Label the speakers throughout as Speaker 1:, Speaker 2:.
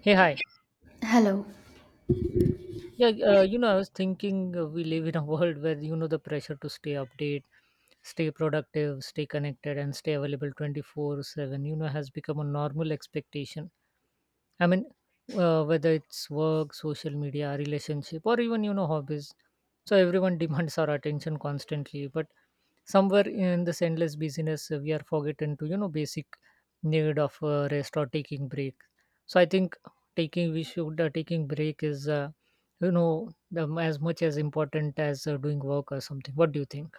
Speaker 1: Hey, hi.
Speaker 2: Hello.
Speaker 1: Yeah, you know, I was thinking we live in a world where, you know, the pressure to stay updated, stay productive, stay connected, and stay available 24/7, you know, has become a normal expectation. I mean, whether it's work, social media, relationship, or even you know hobbies. So everyone demands our attention constantly, but somewhere in this endless busyness, we are forgotten to you know basic need of rest or taking break. So I think taking we should taking break is you know the, as much as important as doing work or something. What do you think?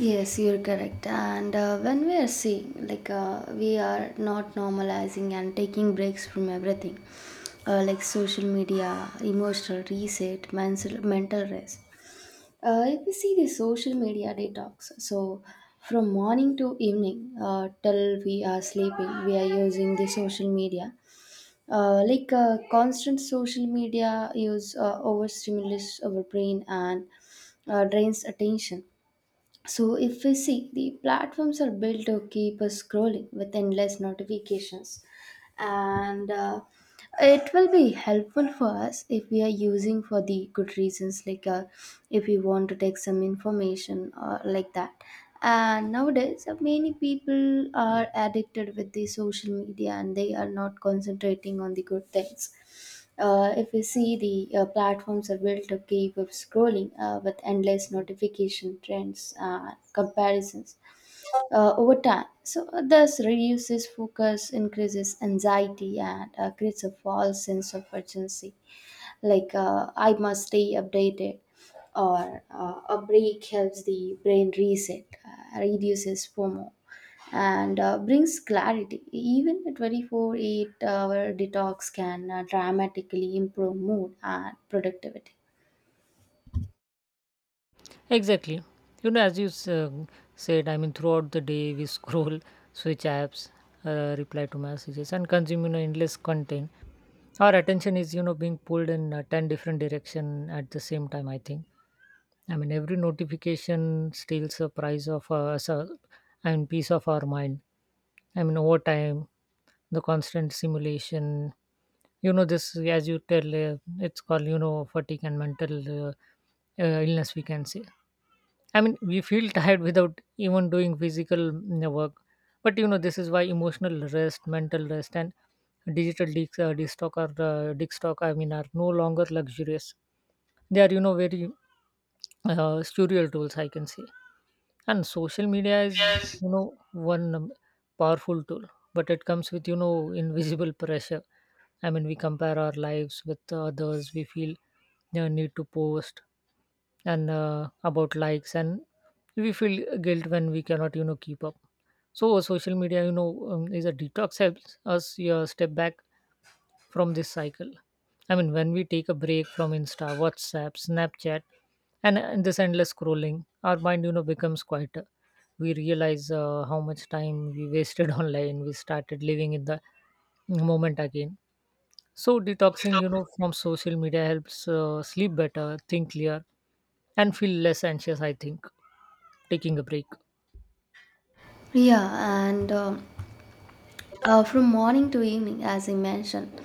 Speaker 2: Yes, you're correct. And when we are seeing, we are not normalizing and taking breaks from everything, like social media, emotional reset, mental rest. If we see the social media detox, so from morning to evening, till we are sleeping, we are using the social media. Constant social media use overstimulates our brain and drains attention. So, if we see, the platforms are built to keep us scrolling with endless notifications, and it will be helpful for us if we are using for the good reasons, if we want to take some information or like that. And nowadays, many people are addicted with the social media and they are not concentrating on the good things. If you see the platforms are built to keep us scrolling with endless notification trends comparisons over time, so this reduces focus, increases anxiety, and creates a false sense of urgency, I must stay updated, or a break helps the brain reset, reduces FOMO, and brings clarity. Even a 24 8 hour detox can dramatically improve mood and productivity.
Speaker 1: Exactly. You know, as you said, I mean, throughout the day we scroll, switch apps, reply to messages, and consume you know endless content. Our attention is you know being pulled in ten different direction at the same time, I think. I mean, every notification steals a price of us, I mean, piece of our mind. I mean, over time, the constant simulation. You know, this as you tell, it's called you know fatigue and mental uh, illness, we can say. I mean, we feel tired without even doing physical work. But you know, this is why emotional rest, mental rest, and digital de- destock are destock. I mean, are no longer luxurious. They are you know very surreal tools, I can say. And social media is
Speaker 2: Yes.
Speaker 1: you know one powerful tool, but it comes with you know invisible pressure. I mean, we compare our lives with others, we feel the need to post, and about likes, and we feel guilt when we cannot you know keep up. So social media you know is a detox, helps us, yeah, step back from this cycle. I mean, when we take a break from Insta, WhatsApp, Snapchat, and this endless scrolling, our mind, you know, becomes quieter. We realize how much time we wasted online. We started living in the moment again. So detoxing, you know, from social media helps sleep better, think clear, and feel less anxious. I think taking a break.
Speaker 2: Yeah, and from morning to evening, as I mentioned,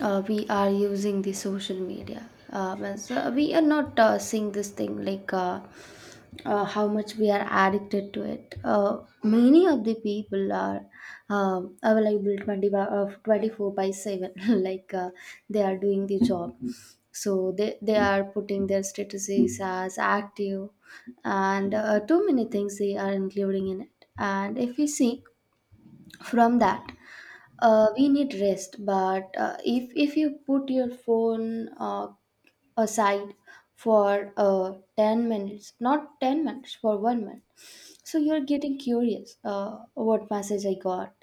Speaker 2: we are using the social media. Means, we are not seeing this thing how much we are addicted to it. Many of the people are available 20 by, 24 by 7, like uh, they are doing the job. So they are putting their statuses as active and too many things we are including in it, and if we see from that we need rest, but if you put your phone aside for 10 minutes not 10 minutes for 1 minute, so you're getting curious, what message I got,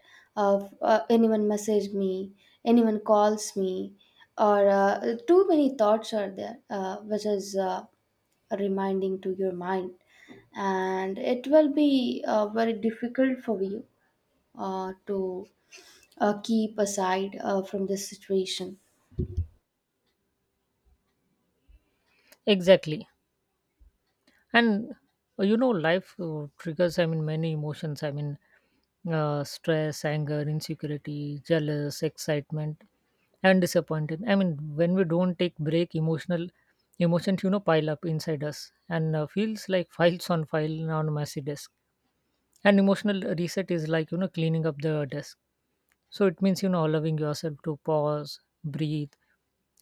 Speaker 2: uh, anyone message me, anyone calls me, or too many thoughts are there, which is reminding to your mind, and it will be very difficult for you to keep aside from this situation.
Speaker 1: Exactly. And you know life triggers, I mean, many emotions, I mean, stress, anger, insecurity, jealous, excitement, and disappointed. I mean, when we don't take break, emotional emotions you know pile up inside us and feels like files on file on a messy desk, and emotional reset is like you know cleaning up the desk. So it means, you know, allowing yourself to pause, breathe,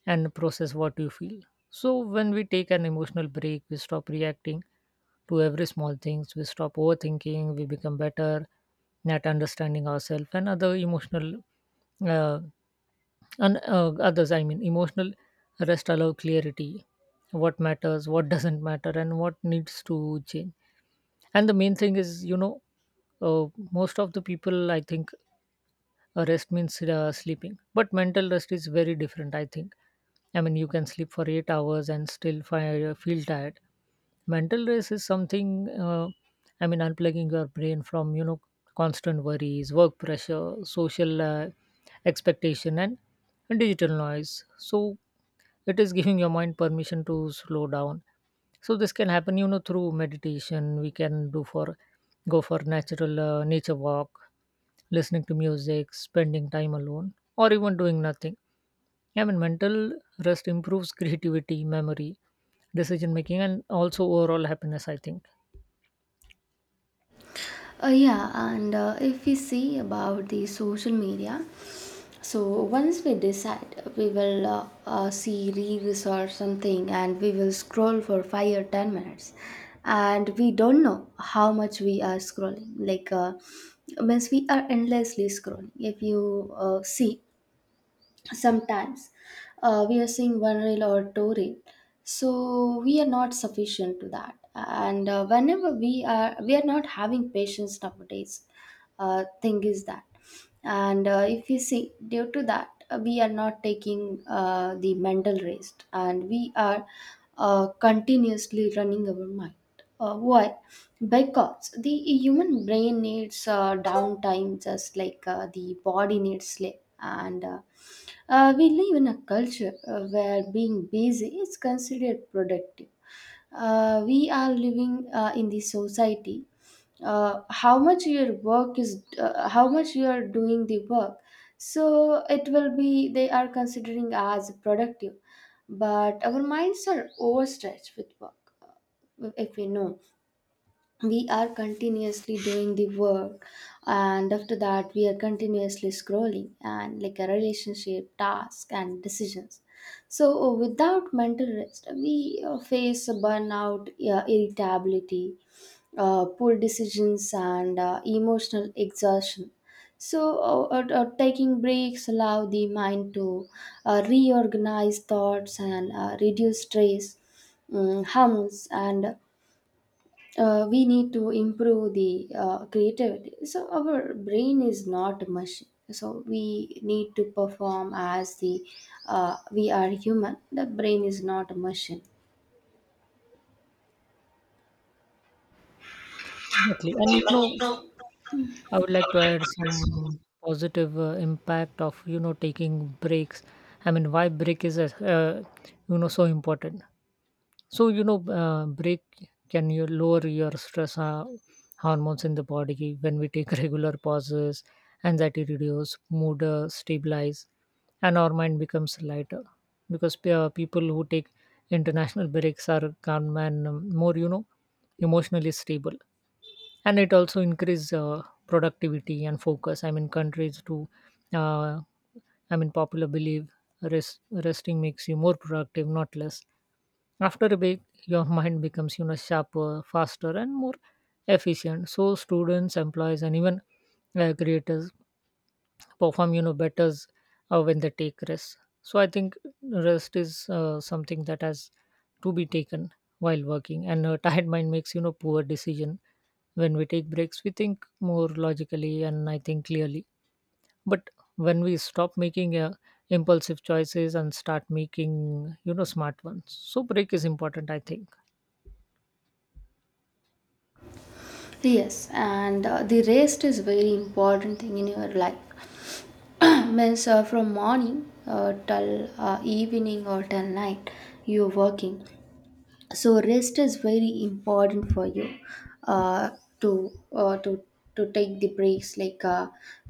Speaker 1: and process what you feel. So when we take an emotional break, we stop reacting to every small things, we stop overthinking, we become better at understanding ourselves and other emotional uh, and others. I mean, emotional rest allow clarity, what matters, what doesn't matter, and what needs to change. And the main thing is, you know, most of the people, I think, rest means sleeping, but mental rest is very different, I think. I mean, you can sleep for 8 hours and still feel tired. Mental rest is something. I mean, unplugging your brain from you know constant worries, work pressure, social expectation, and digital noise. So it is giving your mind permission to slow down. So this can happen, you know, through meditation. We can do for go for natural nature walk, listening to music, spending time alone, or even doing nothing. I mean, mental rest improves creativity, memory, decision making, and also overall happiness, I think.
Speaker 2: Yeah, and if we see about the social media, so once we decide we will see reels or something and we will scroll for 5 or 10 minutes, and we don't know how much we are scrolling, means we are endlessly scrolling. If you see sometimes we are seeing one reel or two reel, so we are not sufficient to that, and whenever we are not having patience nowadays, thing is that. And if you see, due to that we are not taking the mental rest, and we are continuously running our mind. Why? Because the human brain needs downtime, just like the body needs sleep. And we live in a culture where being busy is considered productive. We are living in the society. How much your work is, how much you are doing the work, so it will be they are considering as productive. But our minds are overstretched with work. If we know we are continuously doing the work, and after that we are continuously scrolling, and like a relationship task and decisions, so without mental rest we face a burnout, irritability, poor decisions, and emotional exhaustion. So taking breaks allow the mind to reorganize thoughts and reduce stress, hums, and we need to improve the creativity. So our brain is not a machine. So we need to perform as the we are human. The brain is not a machine.
Speaker 1: Exactly. And you know, I would like to add some positive impact of you know taking breaks. I mean, why break is uh, you know so important. So you know, break can you lower your stress hormones in the body when we take regular pauses. Anxiety reduce, mood stabilize, and our mind becomes lighter. Because people who take international breaks are calm and more you know emotionally stable. And it also increase productivity and focus, I mean, countries to uh, I mean popular believe. Resting makes you more productive not less. After a bit your mind becomes you know sharper, faster, and more efficient. So students, employees, and even creators perform you know better when they take rest. So I think rest is something that has to be taken while working. And a tired mind makes you know poor decision. When we take breaks, we think more logically and I think clearly. But when we stop making impulsive choices and start making, you know, smart ones. So break is important, I think.
Speaker 2: Yes, and the rest is very important thing in your life. Means from morning till evening or till night, you're working. So rest is very important for you uh, to uh, to to take the breaks,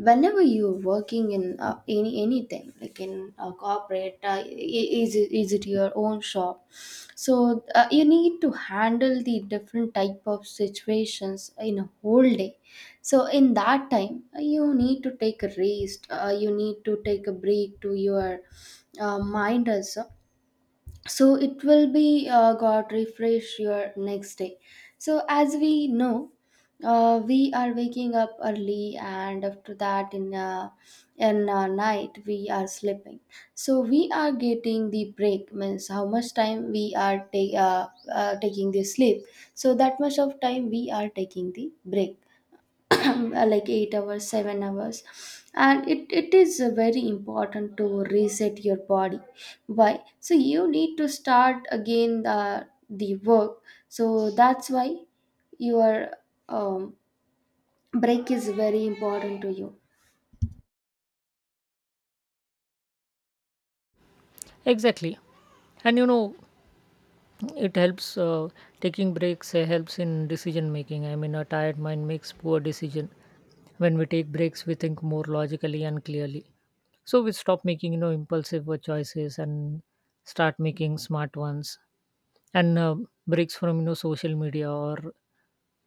Speaker 2: whenever you're working in anything like in a corporate, is it your own shop, so you need to handle the different type of situations in a whole day. So in that time you need to take a rest, you need to take a break to your mind also, so it will be got refresh your next day. So as we know, we are waking up early, and after that in night we are sleeping, so we are getting the break, means how much time we are taking the sleep, so that much of time we are taking the break, like 8 hours, 7 hours. And it is very important to reset your body. Why? So you need to start again the work. So that's why your um, break is very important to you.
Speaker 1: Exactly. And you know, it helps taking breaks helps in decision making. I mean, a tired mind makes poor decision. When we take breaks, we think more logically and clearly. So we stop making you know impulsive choices and start making smart ones. And breaks from you know social media or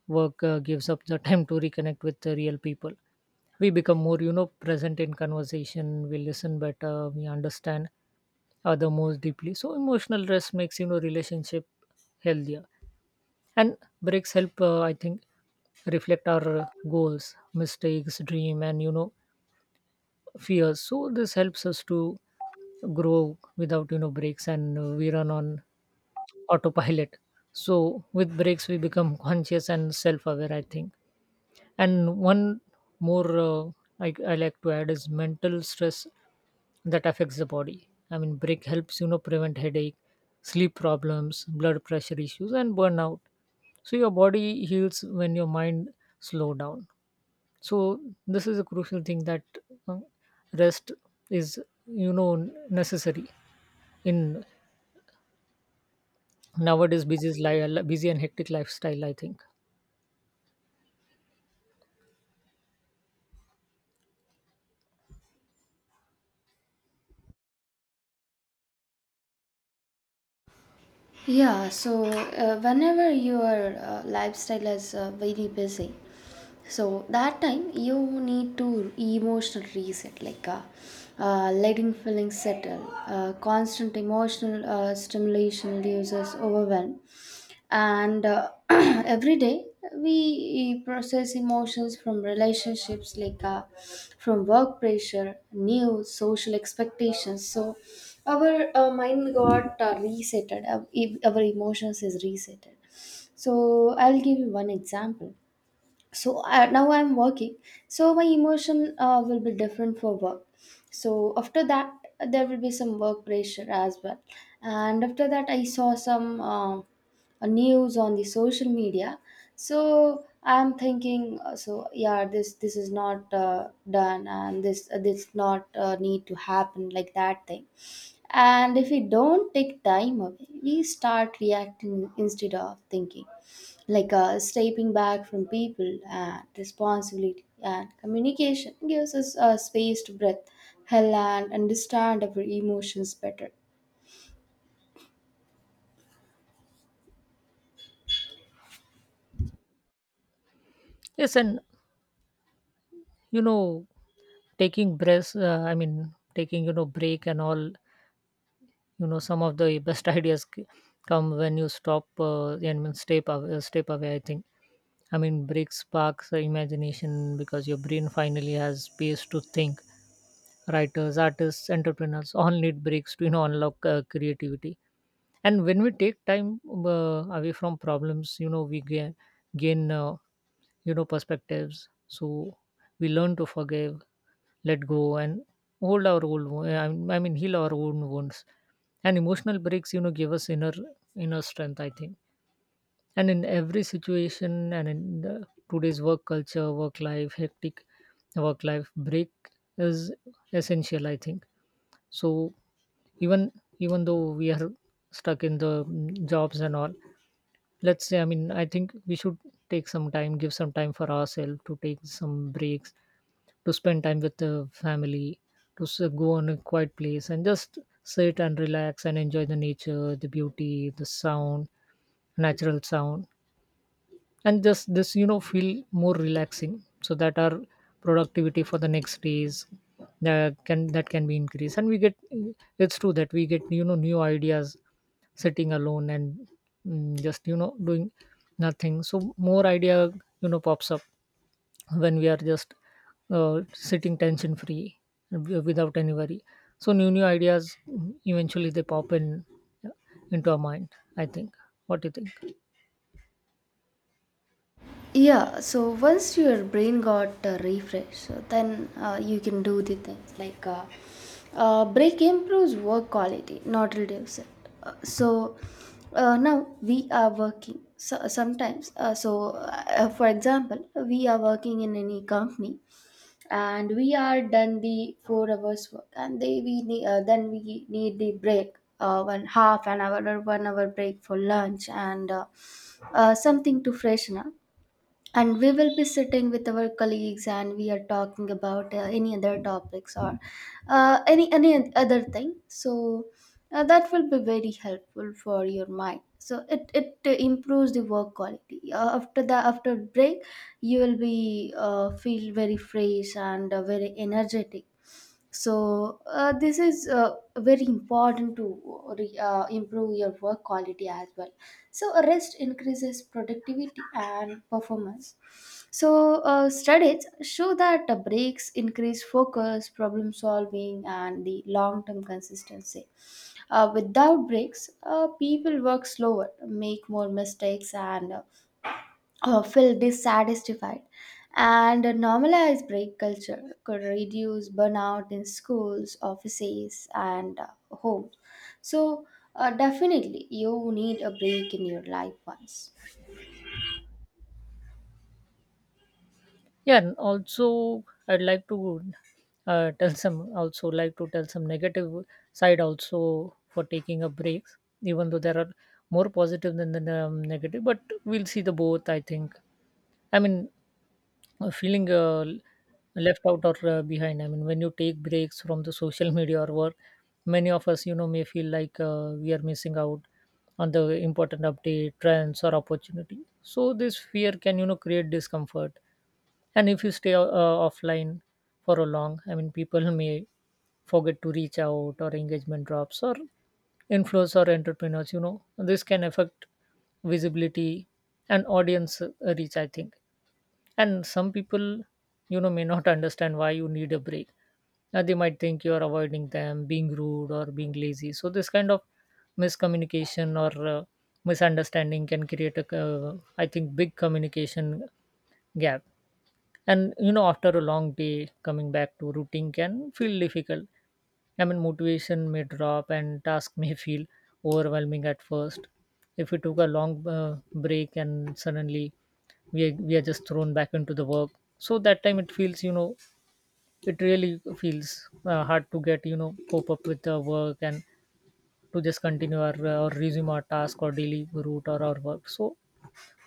Speaker 1: work gives up the time to reconnect with the real people. We become more you know present in conversation, we listen better, we understand other more deeply. So emotional rest makes you know relationship healthier. And breaks help, I think, reflect our goals, mistakes, dream, and you know fears. So this helps us to grow. Without you know breaks, and we run on autopilot. So with breaks we become conscious and self-aware, I think. And one more I like to add is mental stress that affects the body. I mean break helps you know prevent headache, sleep problems, blood pressure issues, and burnout. So your body heals when your mind slow down. So this is a crucial thing that uh, rest is you know necessary in nowadays busy and hectic lifestyle, I think.
Speaker 2: Yeah, so whenever your lifestyle is very busy, so that time you need to emotional reset, letting feelings settle. Constant emotional stimulation reduces overwhelm. And every day we process emotions from relationships, from work pressure, news, social expectations. So our mind got resetted, our emotions is resetted. So I'll give you one example. So now I'm working, so my emotion will be different for work. So after that, there will be some work pressure as well. And after that I saw some news on the social media. So I'm thinking, so yeah, this is not done, and this not need to happen like that thing. And if we don't take time away, we start reacting instead of thinking, stepping back from people and responsibility and communication gives us a space to breathe, hell and understand our emotions better.
Speaker 1: Yes. And you know taking breaths I mean taking you know break and all, you know, some of the best ideas come when you stop and step away, I think. I mean, break sparks the imagination because your brain finally has space to think. Writers, artists, entrepreneurs all need breaks to you know unlock creativity. And when we take time away from problems, you know we gain you know perspectives. So we learn to forgive, let go, and hold our old. Wo- I mean, heal our own wounds. And emotional breaks, you know, give us inner strength, I think. And in every situation, and in today's work culture, work life, hectic work life, break is essential, I think. So even even though we are stuck in the jobs and all, let's say, I mean, I think we should take some time, give some time for ourselves, to take some breaks, to spend time with the family, to go on a quiet place and just sit and relax and enjoy the nature, the beauty, the sound, natural sound, and just this you know feel more relaxing, so that our productivity for the next days can be increased. And we get, it's true that we get you know new ideas sitting alone and just you know doing nothing. So more idea you know pops up when we are just sitting tension free without any worry. So new ideas eventually they pop in uh, into our mind, I think. What do you think?
Speaker 2: Yeah, so once your brain got refreshed, then you can do the things, break improves work quality, not reduce it. Uh, so Now we are working, so sometimes. For example, we are working in any company, and we are done the 4 hours work, and they we need, then we need the break, one half an hour or 1 hour break for lunch, and something to freshen up, and we will be sitting with our colleagues, and we are talking about any other topics or any other thing. So that will be very helpful for your mind, so it improves the work quality. After the after break, you will be feel very fresh and very energetic. So this is very important to improve your work quality as well. So rest increases productivity and performance. So studies show that the breaks increase focus, problem solving, and the long term consistency. Without breaks people work slower, make more mistakes, and feel dissatisfied. And a normalized break culture could reduce burnout in schools, offices, and homes. So, definitely, you need a break in your life once.
Speaker 1: Yeah, and also I'd like to tell some, also like to tell some negative side also for taking a break, even though there are more positive than the negative. But we'll see the both, I think. I mean, feeling left out or behind. I mean when you take breaks from the social media or work, many of us you know may feel like we are missing out on the important update, trends, or opportunity. So this fear can you know create discomfort. And if you stay offline for a long, I mean, people may forget to reach out, or engagement drops, or influence, or entrepreneurs, you know, this can affect visibility and audience reach, I think. And some people you know may not understand why you need a break. They might think you are avoiding them, being rude or being lazy. So this kind of miscommunication or misunderstanding can create a, I think, big communication gap. And you know, after a long day, coming back to routine can feel difficult. I mean, motivation may drop and task may feel overwhelming at first. If we took a long break and suddenly we are just thrown back into the work, so that time it feels, you know, it really feels hard to get, you know, cope up with the work and to just continue our or resume our task or daily route or our work. So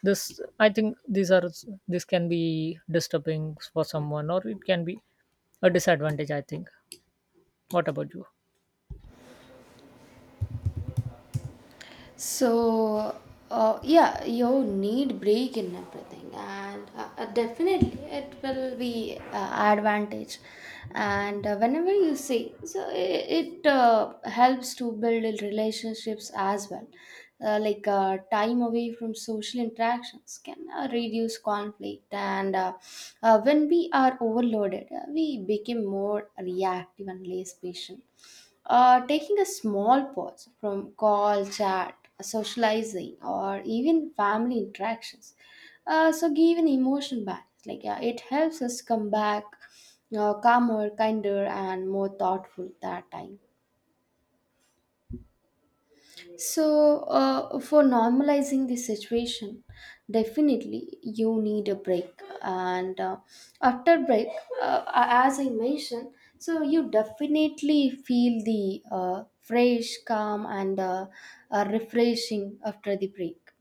Speaker 1: this I think these are this can be disturbing for someone or it can be a disadvantage, I think. What about you?
Speaker 2: So, yeah, you need break in everything, and definitely it will be advantage. And whenever you see, so it helps to build relationships as well. Time away from social interactions can reduce conflict, and when we are overloaded, we become more reactive and less patient. Taking a small pause from call, chat, socializing, or even family interactions. So give an emotional balance. It helps us come back calmer, kinder, and more thoughtful that time. So, for normalizing the situation, definitely you need a break. And after break, as I mentioned, so you definitely feel the fresh, calm, and refreshing after the break.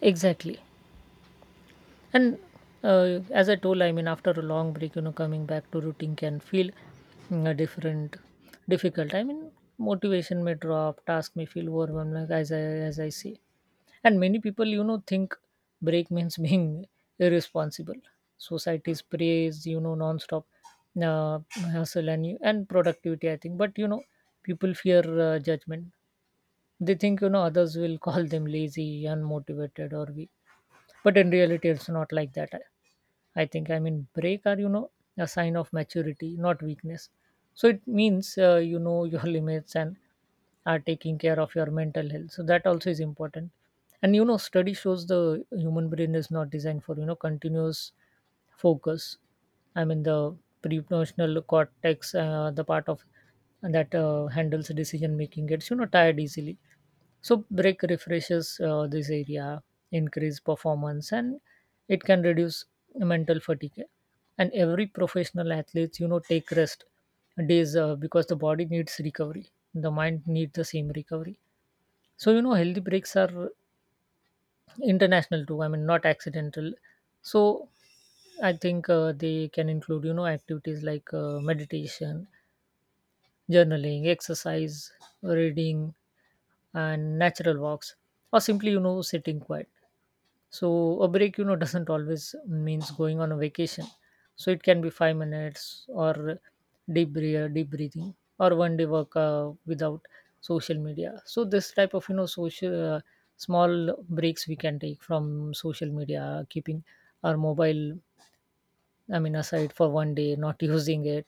Speaker 1: Exactly. And uh, as I told, I mean, after a long break, you know, coming back to routine can feel mm, a different difficult, I mean. Motivation may drop, task may feel overwhelmed, like as I say. And many people, you know, think break means being irresponsible. Society's praise, you know, non-stop uh, hustle and productivity, I think. But, you know, people fear judgment. They think, you know, others will call them lazy, unmotivated, or weak, but in reality it's not like that, I think. I mean, break are, you know, a sign of maturity, not weakness. So it means, you know, your limits and are taking care of your mental health, so that also is important. And you know, study shows the human brain is not designed for, you know, continuous focus. I mean, the prefrontal cortex, the part of that handles decision making gets, you know, tired easily. So brake refreshes this area, increase performance, and it can reduce mental fatigue. And every professional athletes, you know, take rest days because the body needs recovery. The mind needs the same recovery. So you know, healthy breaks are international too. I mean, not accidental. So I think they can include, you know, activities like meditation, journaling, exercise, reading, and natural walks, or simply, you know, sitting quiet. So a break, you know, doesn't always means going on a vacation. So it can be 5 minutes or deep breath, deep breathing, or one day work without social media. So this type of, you know, social small breaks we can take from social media, keeping our mobile, I mean, aside for one day, not using it,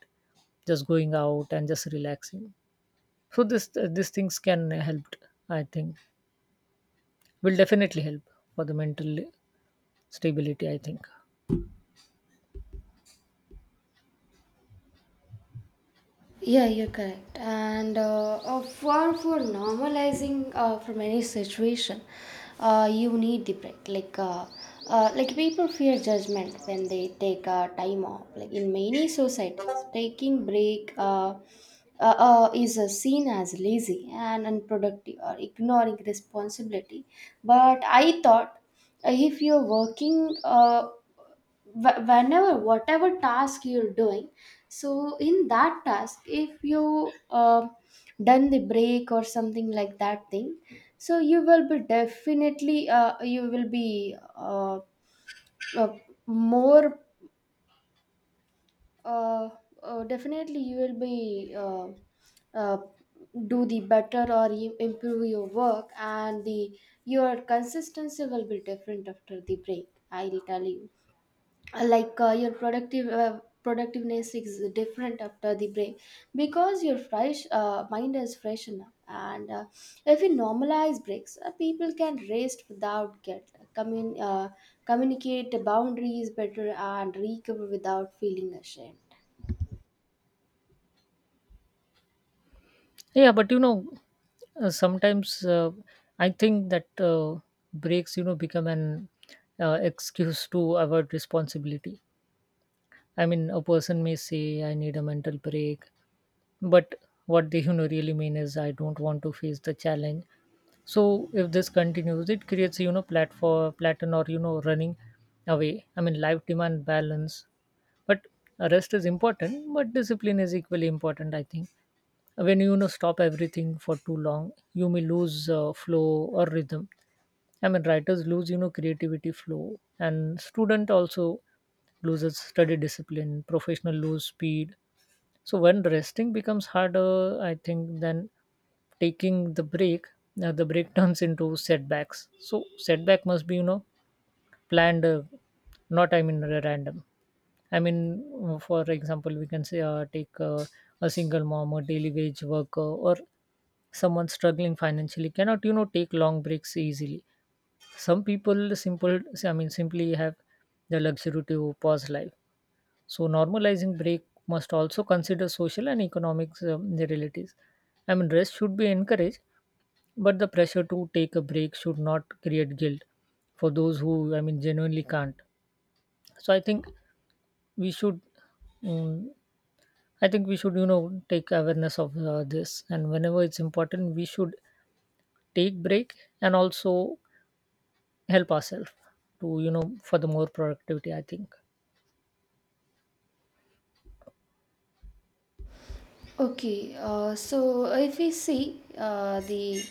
Speaker 1: just going out and just relaxing. So this these things can help, I think, will definitely help for the mental stability, I think.
Speaker 2: Yeah, you're correct. And for normalizing from any situation, you need the break. Like people fear judgment when they take time off. Like in many societies, taking break is seen as lazy and unproductive or ignoring responsibility. But I thought if you're working, whenever whatever task you're doing, so in that task, if you done the break or something like that thing, so you will be definitely you will be uh, more uh, definitely you will be uh, do the better, or you improve your work, and the your consistency will be different after the break, I'll tell you. Your productiveness is different after the break, because your fresh mind is fresh enough. And if we normalize breaks, people can rest without guilt, communicate boundaries better, and recover without feeling ashamed.
Speaker 1: Yeah, but you know, sometimes I think that breaks, you know, become an excuse to avoid responsibility. I mean, a person may say, I need a mental break, but what they, you know, really mean is, I don't want to face the challenge. So if this continues, it creates, you know, platform, plateau, or, you know, running away. I mean, life demand balance, but rest is important but discipline is equally important, I think. When you know, stop everything for too long, you may lose flow or rhythm. I mean, writers lose, you know, creativity flow, and student also loses study discipline, professional lose speed. So when resting becomes harder, I think, then taking the break turns into setbacks. So setback must be, you know, planned, not, I mean, random. I mean, for example, we can say, take a single mom, a daily wage worker, or someone struggling financially cannot, you know, take long breaks easily. Some people simple, I mean, simply have the luxury to pause life. So normalizing break must also consider social and economic realities. I mean, rest should be encouraged, but the pressure to take a break should not create guilt for those who, I mean, genuinely can't. So I think we should, um, we should, you know, take awareness of this, and whenever it's important, we should take break and also help ourselves to, you know, for the more productivity, I think.
Speaker 2: Okay, so if we see the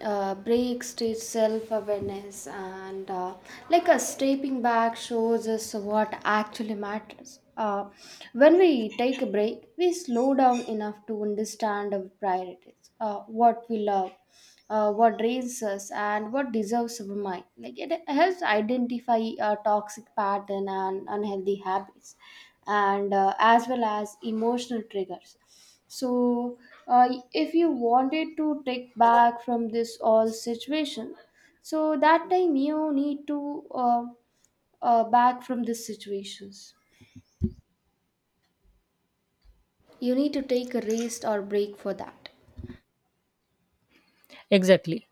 Speaker 2: breaks to self awareness and like a stepping back shows us what actually matters. When we take a break, we slow down enough to understand our priorities, what we love, what drains us, and what deserves our mind. Like it helps identify a toxic pattern and unhealthy habits, and as well as emotional triggers. So, if you wanted to take back from this all situation, so that time you need to back from these situations. You need to take a rest or break for that.
Speaker 1: Exactly.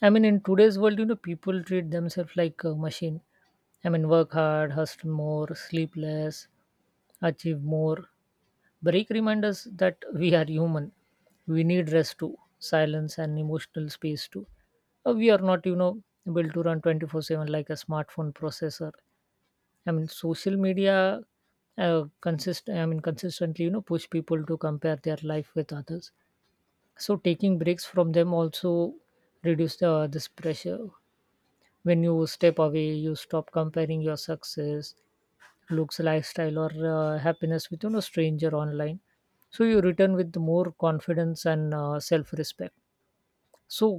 Speaker 1: I mean, in today's world, you know, people treat themselves like a machine. I mean, work hard, hustle more, sleep less, achieve more. Break reminds us that we are human. We need rest too, silence and emotional space too. We are not, you know, able to run 24/7 like a smartphone processor. I mean, social media consistently, you know, push people to compare their life with others. So taking breaks from them also reduce this pressure. When you step away, you stop comparing your success, looks, lifestyle, or happiness with, you know, stranger online. So you return with more confidence and self respect. So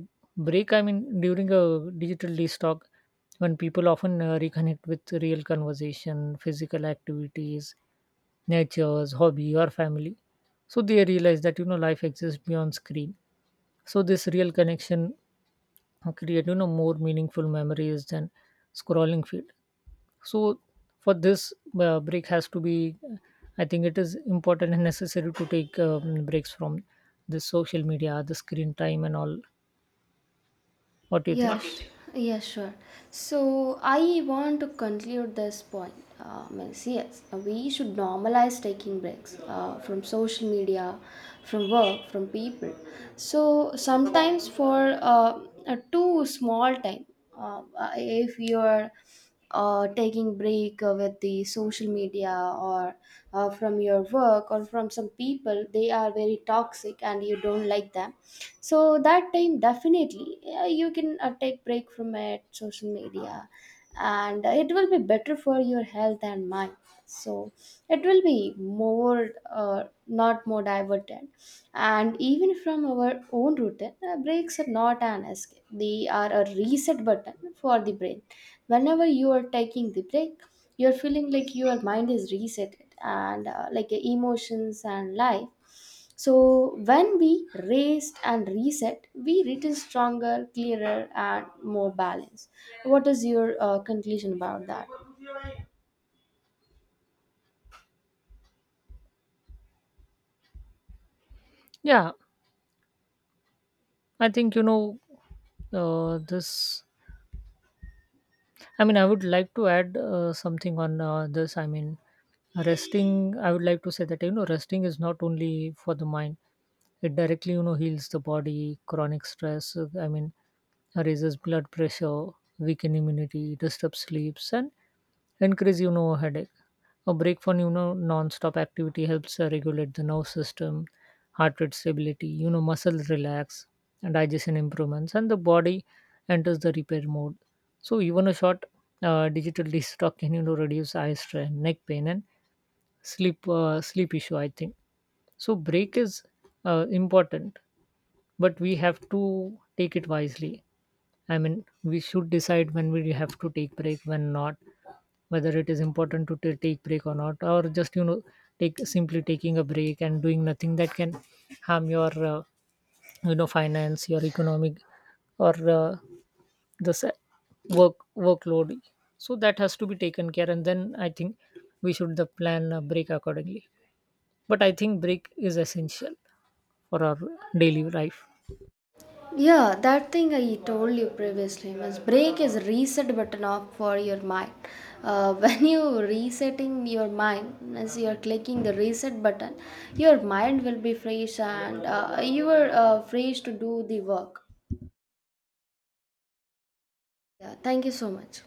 Speaker 1: break, I mean, during a digital detox, when people often reconnect with real conversation, physical activities, nature's hobby, or family. So they realize that, you know, life exists beyond screen. So this real connection create, you know, more meaningful memories than scrolling feed. So for this, break has to be, I think it is important and necessary to take breaks from the social media, the screen time, and all. What do
Speaker 2: What
Speaker 1: you think?
Speaker 2: yes do you yes think? Yes, sure. So I want to conclude this point. Means yes, we should normalize taking breaks from social media, from work, from people. So sometimes for a too small time, if you are taking break with the social media or from your work, or from some people, they are very toxic and you don't like them, so that time definitely you can take break from it, social media, and it will be better for your health and mind. So it will be more not more diverted. And even from our own routine, breaks are not an escape, they are a reset button for the brain. Whenever you are taking the break, you're feeling like your mind is reset, and emotions and life. So when we rest and reset, we return stronger, clearer, and more balanced. What is your conclusion about that?
Speaker 1: Yeah, I think, you know, this I mean, I would like to add something on this. I mean, resting, I would like to say that, you know, resting is not only for the mind, it directly, you know, heals the body. Chronic stress, I mean, raises blood pressure, weaken immunity, disturbs sleeps, and increase, you know, headache. A break from, you know, non-stop activity helps regulate the nerve system, heart rate stability, you know, muscles relax, and digestion improvements, and the body enters the repair mode. So even a short digital detox can, you know, reduce eye strain, neck pain, and sleep issue, I think. So break is important, but we have to take it wisely. I mean, we should decide when we have to take break, when not, whether it is important to take break or not, or just, you know, take simply taking a break and doing nothing that can harm your, you know, finance, your economic, or the sa- work workload. So that has to be taken care, and then I think we should the plan a break accordingly, but I think break is essential for our daily life.
Speaker 2: Yeah, that thing I told you previously, Miss Break is reset button off for your mind. When you resetting your mind, as you are clicking the reset button, your mind will be fresh, and you are fresh to do the work. Yeah, thank you so much.